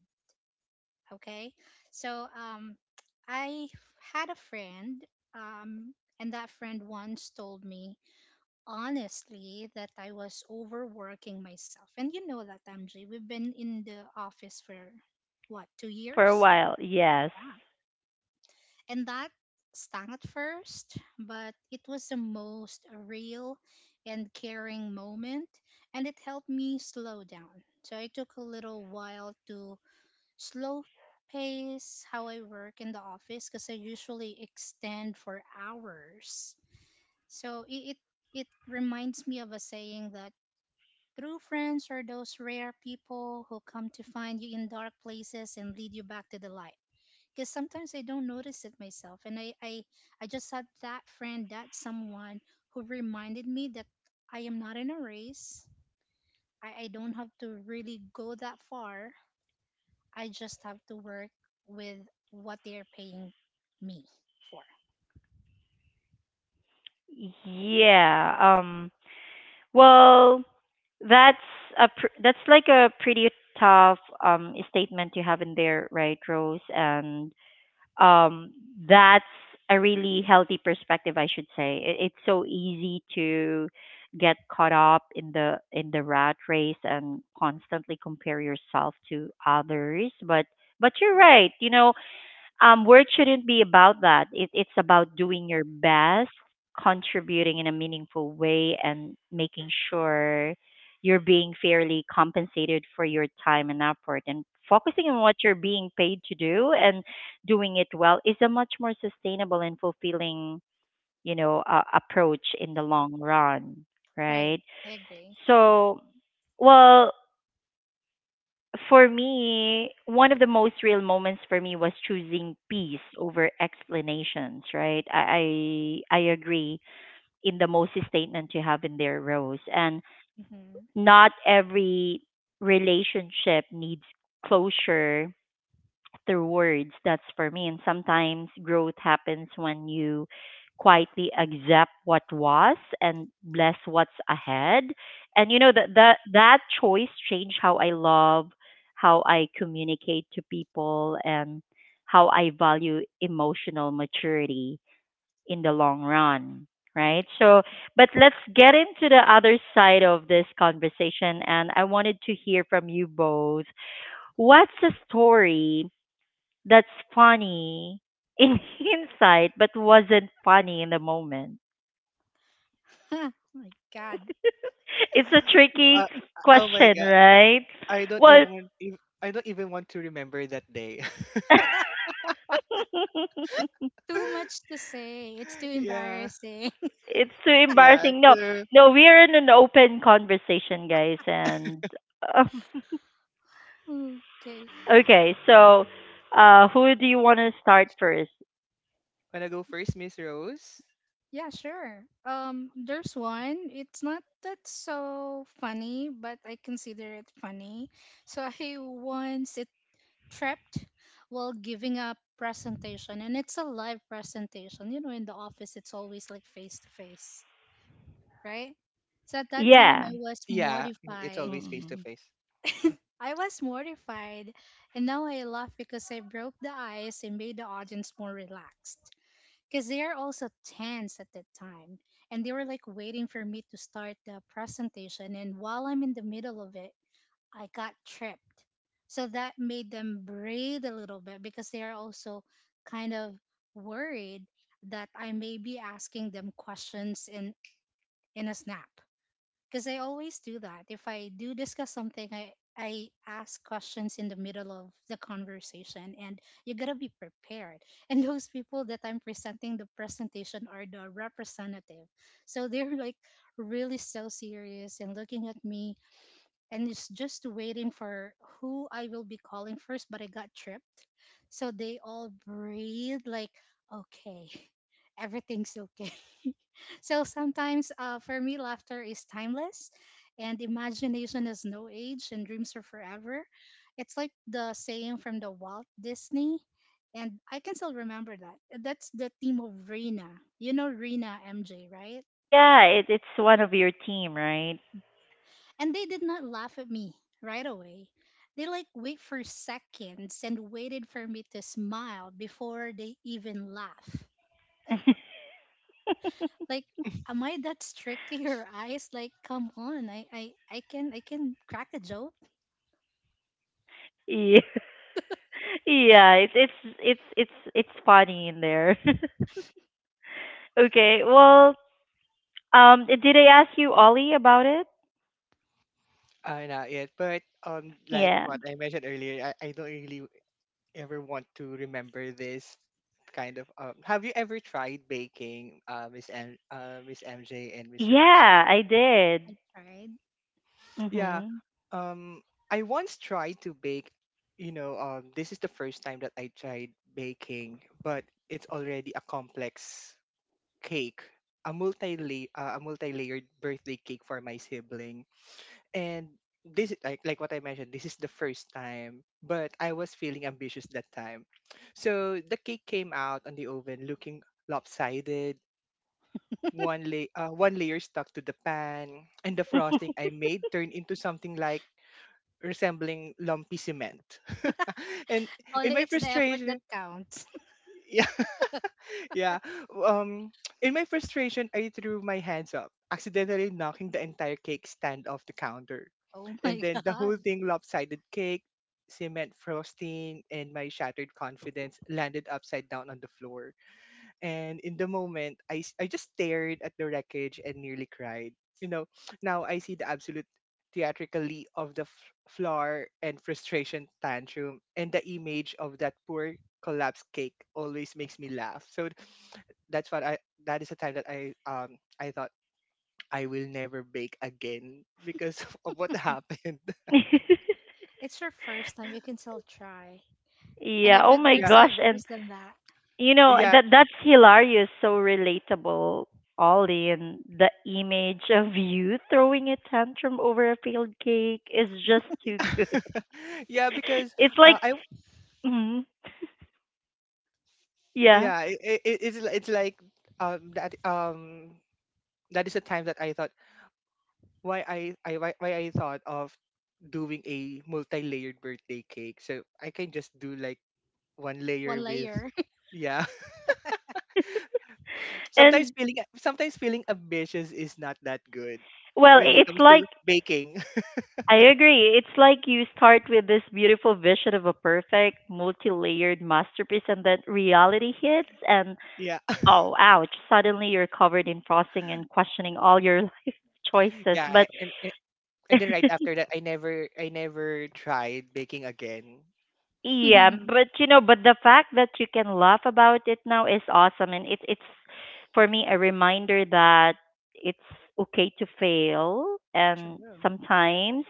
[SPEAKER 2] Okay, so um, I had a friend um, and that friend once told me honestly that I was overworking myself. And you know that, M J, we've been in the office for what, two
[SPEAKER 1] For a
[SPEAKER 2] years?
[SPEAKER 1] while, yes.
[SPEAKER 2] And that stung at first, but it was the most real and caring moment, and it helped me slow down. So I took a little while to slow pace how I work in the office because I usually extend for hours. So it, it it reminds me of a saying that true friends are those rare people who come to find you in dark places and lead you back to the light. Because sometimes I don't notice it myself, and I, I, I just had that friend, that someone who reminded me that I am not in a race. I, I don't have to really go that far. I just have to work with what they are paying me for.
[SPEAKER 1] Yeah. Um well, that's a pr- that's like a pretty tough um statement you have in there, right, Rose? And um that's a really healthy perspective, I should say. It, it's so easy to get caught up in the in the rat race and constantly compare yourself to others, but but you're right. You know, Um, work shouldn't be about that. It, it's about doing your best, contributing in a meaningful way, and making sure you're being fairly compensated for your time and effort. And focusing on what you're being paid to do and doing it well is a much more sustainable and fulfilling, you know, uh, approach in the long run,
[SPEAKER 2] Right.
[SPEAKER 1] right?
[SPEAKER 2] I agree.
[SPEAKER 1] So, well, for me, one of the most real moments for me was choosing peace over explanations, right? I, I I agree in the most statement you have in there, Rose. And
[SPEAKER 2] Hmm.
[SPEAKER 1] not every relationship needs closure through words. That's for me. And sometimes growth happens when you quietly accept what was and bless what's ahead. And you know that that that choice changed how I love, how I communicate to people, and how I value emotional maturity in the long run. Right.
[SPEAKER 2] Right.
[SPEAKER 1] So, but let's get into the other side of this conversation. And I wanted to hear from you both what's a story that's funny in hindsight, but wasn't funny in the moment.
[SPEAKER 2] Oh my God.
[SPEAKER 1] It's a tricky
[SPEAKER 3] Uh, oh my
[SPEAKER 1] question,
[SPEAKER 3] god.
[SPEAKER 1] right?
[SPEAKER 3] I don't even
[SPEAKER 1] Well,
[SPEAKER 3] want- ev- I don't even want to remember that day.
[SPEAKER 2] Too much to say. It's too
[SPEAKER 3] yeah.
[SPEAKER 2] embarrassing.
[SPEAKER 1] it's too
[SPEAKER 3] Yeah.
[SPEAKER 1] embarrassing. No,
[SPEAKER 3] So
[SPEAKER 1] no, we're in an open conversation, guys, and uh,
[SPEAKER 2] Ooh, okay.
[SPEAKER 1] okay. So, uh, who do you want to start first?
[SPEAKER 3] wanna go first, Miss Rose?
[SPEAKER 2] Yeah, sure. Um, there's one. It's not that so funny, but I consider it funny. So I once it tripped while giving a presentation, and it's a live presentation. You know, in the office, it's always like face to face, right? So at that time,
[SPEAKER 1] Yeah.
[SPEAKER 2] I was
[SPEAKER 3] Yeah, mm, it's
[SPEAKER 2] mortified.
[SPEAKER 3] always face to
[SPEAKER 1] Mm.
[SPEAKER 3] face.
[SPEAKER 2] I was mortified, and now I laugh because I broke the ice and made the audience more relaxed, because they are also tense at that time and they were like waiting for me to start the presentation, and while I'm in the middle of it, I got tripped. So that made them breathe a little bit because they are also kind of worried that I may be asking them questions in in a snap, because I always do that. If I do discuss something, I I ask questions in the middle of the conversation, and you gotta be prepared. And those people that I'm presenting the presentation are the representative, so they're like really so serious and looking at me, and it's just waiting for who I will be calling first, but I got tripped. So they all breathe like, okay, everything's okay. So sometimes uh, for me, laughter is timeless and imagination has no age and dreams are forever. It's like the saying from the Walt Disney. And I can still remember that. That's the theme of Rena. You know Rena, M J, right?
[SPEAKER 1] Oh, yeah. It, it's one of your team, right?
[SPEAKER 2] And they did not laugh at me right away. They like wait for seconds and waited for me to smile before they even laugh. Like, am I that strict to your eyes? Like, come on, I, I, I can I can crack a joke,
[SPEAKER 1] yeah. Yeah, it's it's it's it's it's funny in there. Okay, well, um, did I ask you, Ollie, about it?
[SPEAKER 3] Uh, not yet. But um like
[SPEAKER 1] Yeah,
[SPEAKER 3] what I mentioned earlier, I, I don't really ever want to remember this kind of um have you ever tried baking, uh Miss M uh Miss M J and Miss Rose?
[SPEAKER 1] yeah, I did.
[SPEAKER 2] right? Yeah.
[SPEAKER 3] Yeah.
[SPEAKER 1] Mhm.
[SPEAKER 3] Um, I once tried to bake, you know, um, this is the first time that I tried baking, but it's already a complex cake, a multi-layer, uh, a multi-layered birthday cake for my sibling. And this, is- like, like what I mentioned, this is the first time, but I was feeling ambitious that time. So the cake came out on the oven looking lopsided. One, lay, uh, one layer stuck to the pan, and the frosting I made turned into something like resembling lumpy cement. and in
[SPEAKER 2] Only
[SPEAKER 3] my
[SPEAKER 2] it's the effort that
[SPEAKER 3] frustration,
[SPEAKER 2] counts.
[SPEAKER 3] yeah, yeah. Um, in my frustration, I threw my hands up, accidentally knocking the entire cake stand off the counter.
[SPEAKER 2] Oh
[SPEAKER 3] And
[SPEAKER 2] my
[SPEAKER 3] then the whole
[SPEAKER 2] god.
[SPEAKER 3] thing, lopsided cake, cement frosting, and my shattered confidence, landed upside down on the floor. And in the moment, I, s- I just stared at the wreckage and nearly cried. You know, now I see the absolute theatrically of the f- floor and frustration tantrum, and the image of that poor collapsed cake always makes me laugh. So that's what I that is the time that I um I thought I will never bake again because of what happened.
[SPEAKER 2] It's your first time, you can still try.
[SPEAKER 1] yeah.
[SPEAKER 2] And I
[SPEAKER 1] Oh
[SPEAKER 2] bet
[SPEAKER 1] my
[SPEAKER 2] you're
[SPEAKER 3] Yeah,
[SPEAKER 2] still
[SPEAKER 1] gosh, and
[SPEAKER 2] worse than that.
[SPEAKER 1] you know
[SPEAKER 3] yeah,
[SPEAKER 1] that that's hilarious. So relatable, Ollie, and the image of you throwing a tantrum over a failed cake is just too good.
[SPEAKER 3] yeah. Because
[SPEAKER 1] It's like,
[SPEAKER 3] uh, I
[SPEAKER 1] mhm, yeah,
[SPEAKER 3] yeah, it, it, it's li- it's like um that um that is the time that I thought why I, I why, why I thought of doing a multi-layered birthday cake. So I can just do like one
[SPEAKER 2] One
[SPEAKER 3] layer with
[SPEAKER 2] layer.
[SPEAKER 3] yeah. Sometimes
[SPEAKER 1] and
[SPEAKER 3] feeling sometimes feeling ambitious is not that good
[SPEAKER 1] well,
[SPEAKER 3] when
[SPEAKER 1] i-
[SPEAKER 3] it
[SPEAKER 1] it's
[SPEAKER 3] comes to
[SPEAKER 1] like
[SPEAKER 3] baking.
[SPEAKER 1] I agree. It's like you start with this beautiful vision of a perfect, multi layered masterpiece, and then reality hits, and
[SPEAKER 3] yeah.
[SPEAKER 1] oh, ouch, suddenly you're covered in frosting and questioning all your life choices.
[SPEAKER 3] yeah,
[SPEAKER 1] But
[SPEAKER 3] a- and a- and then right after that I never I never tried baking again.
[SPEAKER 1] yeah,
[SPEAKER 2] True.
[SPEAKER 1] but you know, but the fact that you can laugh about it now is awesome. And it, it's, for me, a reminder that it's okay to fail, and sometimes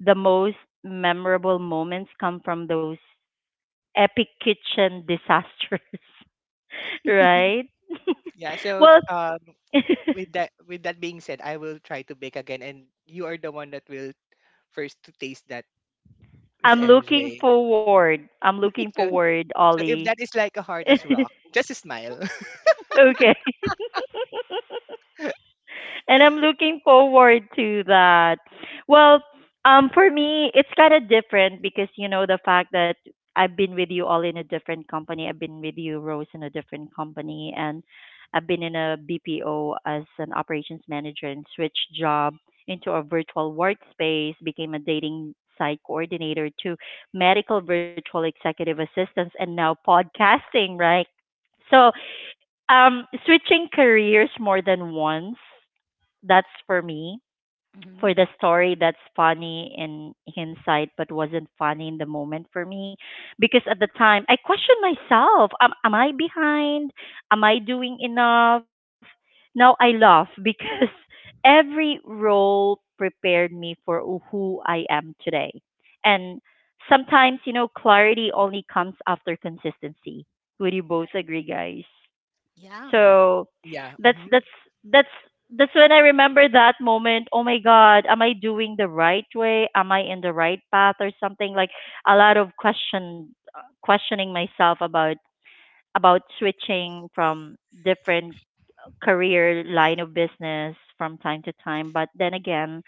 [SPEAKER 1] the most memorable moments come from those epic kitchen disasters,
[SPEAKER 2] Mhm.
[SPEAKER 1] right?
[SPEAKER 3] Yeah, so
[SPEAKER 1] well,
[SPEAKER 3] um with that with that being said, I will try to bake again and you are the one that will first to taste that, Miss
[SPEAKER 1] I'm looking
[SPEAKER 3] M J.
[SPEAKER 1] forward. I'm looking
[SPEAKER 3] So
[SPEAKER 1] forward,
[SPEAKER 3] so if
[SPEAKER 1] Ollie.
[SPEAKER 3] that is like a hard as rock, just smile.
[SPEAKER 1] Okay. And I'm looking forward to that. Well, um, for me, it's kind of different because, you know, the fact that I've been with you all in a different company. I've been with you, Rose, in a different company. And I've been in a B P O as an operations manager and switched job into a virtual workspace, became a dating site coordinator to medical virtual executive assistance, and now podcasting, right? So, um, switching careers more than once, that's for me. For the story that's funny in hindsight, but wasn't funny in the moment for me, because at the time I questioned myself: Am, am I behind? Am I doing enough? Now I laugh because every role prepared me for who I am today, and sometimes you know clarity only comes after consistency. Would you both
[SPEAKER 2] Right.
[SPEAKER 1] agree, guys?
[SPEAKER 2] Yeah.
[SPEAKER 1] So
[SPEAKER 3] Yeah.
[SPEAKER 1] that's
[SPEAKER 3] Hmm.
[SPEAKER 1] that's that's that's when I remember that moment. Oh my God, am I doing the right way? Am I in the right path or something? Like a lot of question questioning myself about about switching from different career line of business from time to time. But then again,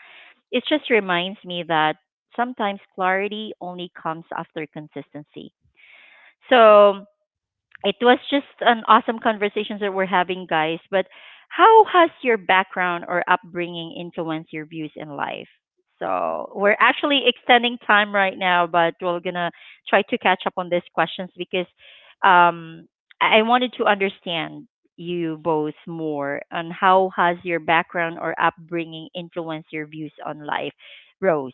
[SPEAKER 1] it just reminds me that sometimes clarity only comes after consistency. So it was just an awesome conversations that we're having, guys. But how has your background or upbringing influenced your views in life? So we're actually extending time right now, but we're gonna try to catch up on these questions because um, I I wanted to understand you both more on how has your background or upbringing influenced your views on life, Rose.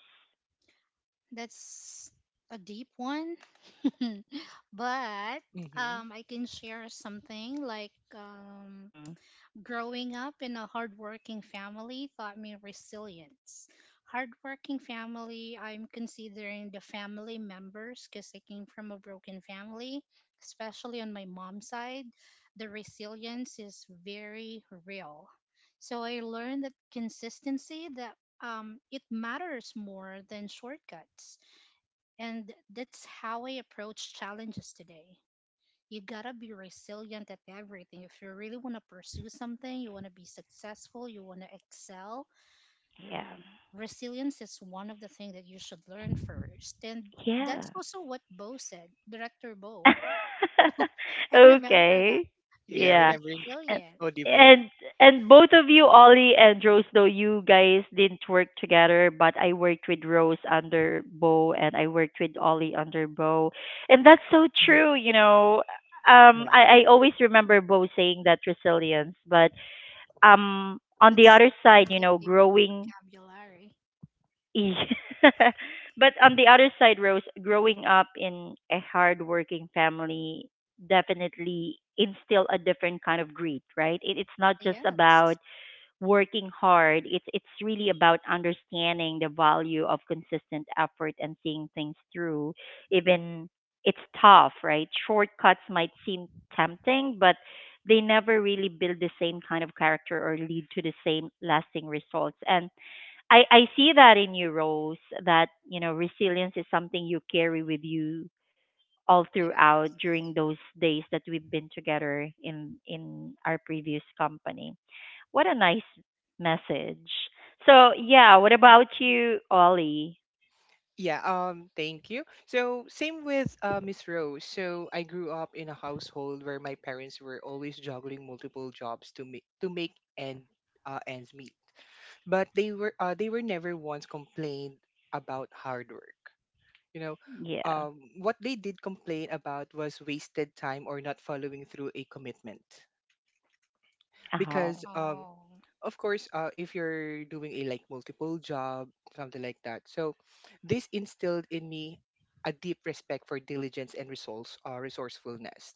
[SPEAKER 2] That's a deep one. but
[SPEAKER 3] Hmm.
[SPEAKER 2] um, I can share something like um,
[SPEAKER 1] Hmm.
[SPEAKER 2] growing up in a hardworking family taught me resilience. Hardworking family, I'm considering the family members because I came from a broken family, especially on my mom's side. The resilience is very real. So I learned that consistency that um, it matters more than shortcuts and that's how I approach challenges today. You gotta be resilient at everything. If you really wanna pursue something, you wanna be successful, you wanna excel,
[SPEAKER 1] Yeah,
[SPEAKER 2] resilience is one of the things that you should learn first. And
[SPEAKER 1] yeah.
[SPEAKER 2] that's also what Bo said, Director Bo. I remember that.
[SPEAKER 1] okay.
[SPEAKER 3] Yeah.
[SPEAKER 2] Be
[SPEAKER 1] Yeah.
[SPEAKER 3] Remembering
[SPEAKER 1] And
[SPEAKER 2] resilient.
[SPEAKER 3] Odivo.
[SPEAKER 1] and and both of you, Ollie and Rose, though you guys didn't work together, but I worked with Rose under Bo, and I worked with Ollie under Bo. And that's so
[SPEAKER 3] Hmm.
[SPEAKER 1] true, you know. Um
[SPEAKER 3] Yeah.
[SPEAKER 1] I, I always remember Bo saying that resilience, but um on the
[SPEAKER 2] That's
[SPEAKER 1] other
[SPEAKER 2] one
[SPEAKER 1] side,
[SPEAKER 2] of
[SPEAKER 1] you
[SPEAKER 2] the
[SPEAKER 1] know,
[SPEAKER 2] favorite
[SPEAKER 1] growing
[SPEAKER 2] vocabulary.
[SPEAKER 1] yeah. But on the other side, Rose, growing up in a hardworking family definitely instill a different kind of grit, right? It, it's not just about
[SPEAKER 2] Yes.
[SPEAKER 1] working hard. It's it's really about understanding the value of consistent effort and seeing things through. Even it's tough, right? Shortcuts might seem tempting, but they never really build the same kind of character or lead to the same lasting results. And I, I see that in you, Rose, that, you know, resilience is something you carry with you all throughout
[SPEAKER 2] Yes.
[SPEAKER 1] during those days that we've been together in in our previous company. What a nice message. So yeah, what about
[SPEAKER 2] Mhm.
[SPEAKER 1] you, Ollie?
[SPEAKER 3] Yeah. Um, thank you. So same with uh, Miss Rose. So I grew up in a household where my parents were always juggling multiple jobs to make to make end uh, ends meet. But they were uh, they were never once complained about hard work. You know,
[SPEAKER 1] Yeah.
[SPEAKER 3] um, what they did complain about was wasted time or not following through a commitment. Because
[SPEAKER 1] Oh.
[SPEAKER 3] um
[SPEAKER 2] Oh,
[SPEAKER 3] of course uh if you're doing a like multiple job, something like that. So this instilled in me a deep respect for diligence and resource uh, resourcefulness.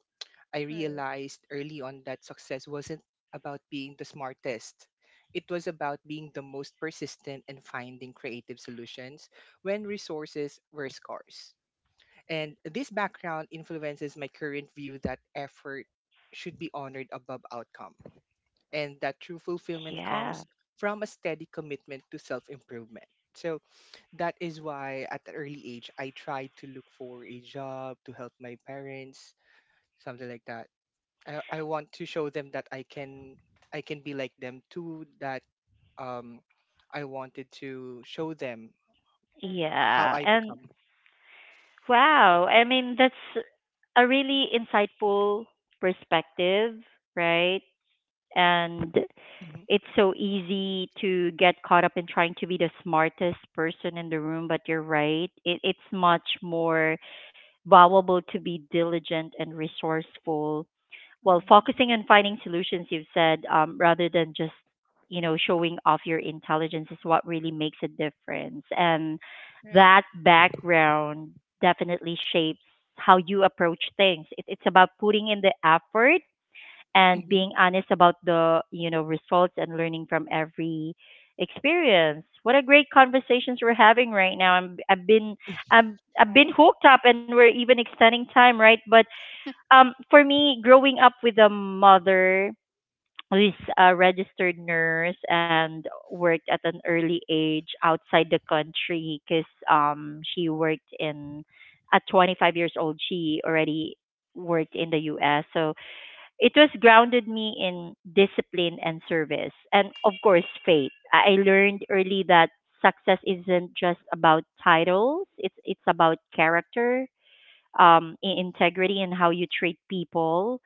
[SPEAKER 3] I
[SPEAKER 2] right,
[SPEAKER 3] realized early on that success wasn't about being the smartest, it was about being the most persistent and finding creative solutions when resources were scarce. And this background influences my current view that effort should be honored above outcome and that true fulfillment
[SPEAKER 1] Yeah.
[SPEAKER 3] comes from a steady commitment to self improvement. So that is why at an early age, I tried to look for a job to help my parents, something like that. I, I want to show them that I can I can be like them too, that um, I wanted to show them
[SPEAKER 2] right,
[SPEAKER 3] how
[SPEAKER 1] Yeah.
[SPEAKER 3] I
[SPEAKER 1] And
[SPEAKER 3] become.
[SPEAKER 1] wow, I mean that's a really insightful perspective, right?
[SPEAKER 2] right.
[SPEAKER 1] And
[SPEAKER 3] Mhm,
[SPEAKER 1] it's so easy to get caught up in trying to be the smartest person in the room, but you're right. It, it's much more valuable to be diligent and resourceful while
[SPEAKER 2] Mhm.
[SPEAKER 1] focusing on finding solutions, you've said, um, rather than just, you know, showing off your intelligence is what really makes a difference. And
[SPEAKER 2] Right.
[SPEAKER 1] that background definitely shapes how you approach things. It, it's about putting in the effort and
[SPEAKER 3] mhm.
[SPEAKER 1] being honest about the you know results and learning from every experience. What a great conversations we're having right
[SPEAKER 3] Yeah.
[SPEAKER 1] now. I'm I've been I'm I've
[SPEAKER 2] Right.
[SPEAKER 1] been hooked up, and we're even extending time, right? But um for me growing up with a mother who's a registered nurse and worked at an early age outside the country because um she worked in at twenty-five years old, she already worked in the U S. So it was grounded me in discipline and service, and of course faith. i I learned early that success isn't just about titles. It's it's about character, um i- integrity, and how you treat people.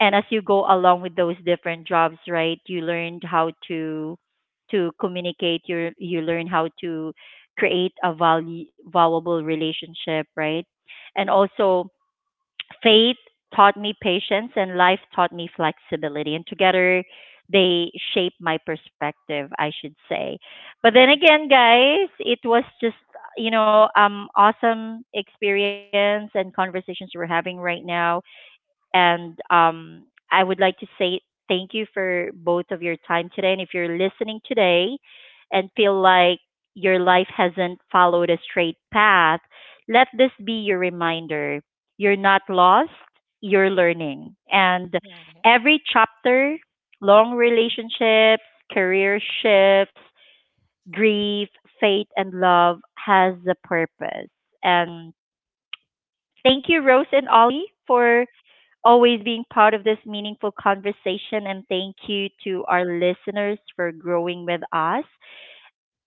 [SPEAKER 1] And as you go along with those different jobs, right, you learned how to to communicate. You you learn how to create a value valuable relationship, right? And
[SPEAKER 2] Right.
[SPEAKER 1] also faith taught me patience, and life taught me flexibility, and together they shape my perspective, I should say. But then
[SPEAKER 2] Mm,
[SPEAKER 1] again, guys, it was just you know um awesome experience and conversations we're having right now. And um, I would like to say thank you for both of your time today. And if you're listening today and feel like your life hasn't followed a straight path, let this be your reminder. You're not lost, you're learning. And
[SPEAKER 2] right.
[SPEAKER 1] every chapter, long relationships, career shifts, grief, faith, and love has a purpose. And thank you, Rose and Ollie, for always being part of this meaningful conversation, and thank you to our listeners for growing with us.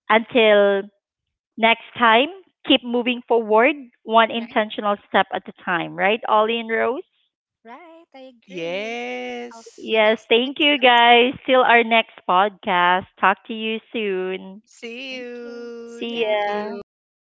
[SPEAKER 1] Until next time, keep moving forward, one
[SPEAKER 2] Right.
[SPEAKER 1] intentional step at a time, right, Ollie and Rose?
[SPEAKER 2] Right. I agree. I'll see
[SPEAKER 3] Yes.
[SPEAKER 2] you
[SPEAKER 1] Yes,
[SPEAKER 2] guys
[SPEAKER 1] thank
[SPEAKER 2] next
[SPEAKER 1] you
[SPEAKER 2] episode.
[SPEAKER 1] guys. Till our next podcast. Talk to you soon.
[SPEAKER 3] See
[SPEAKER 2] Thank you.
[SPEAKER 3] you.
[SPEAKER 2] See
[SPEAKER 1] See
[SPEAKER 2] ya.
[SPEAKER 3] Thank
[SPEAKER 1] ya.
[SPEAKER 2] Bye.
[SPEAKER 3] you.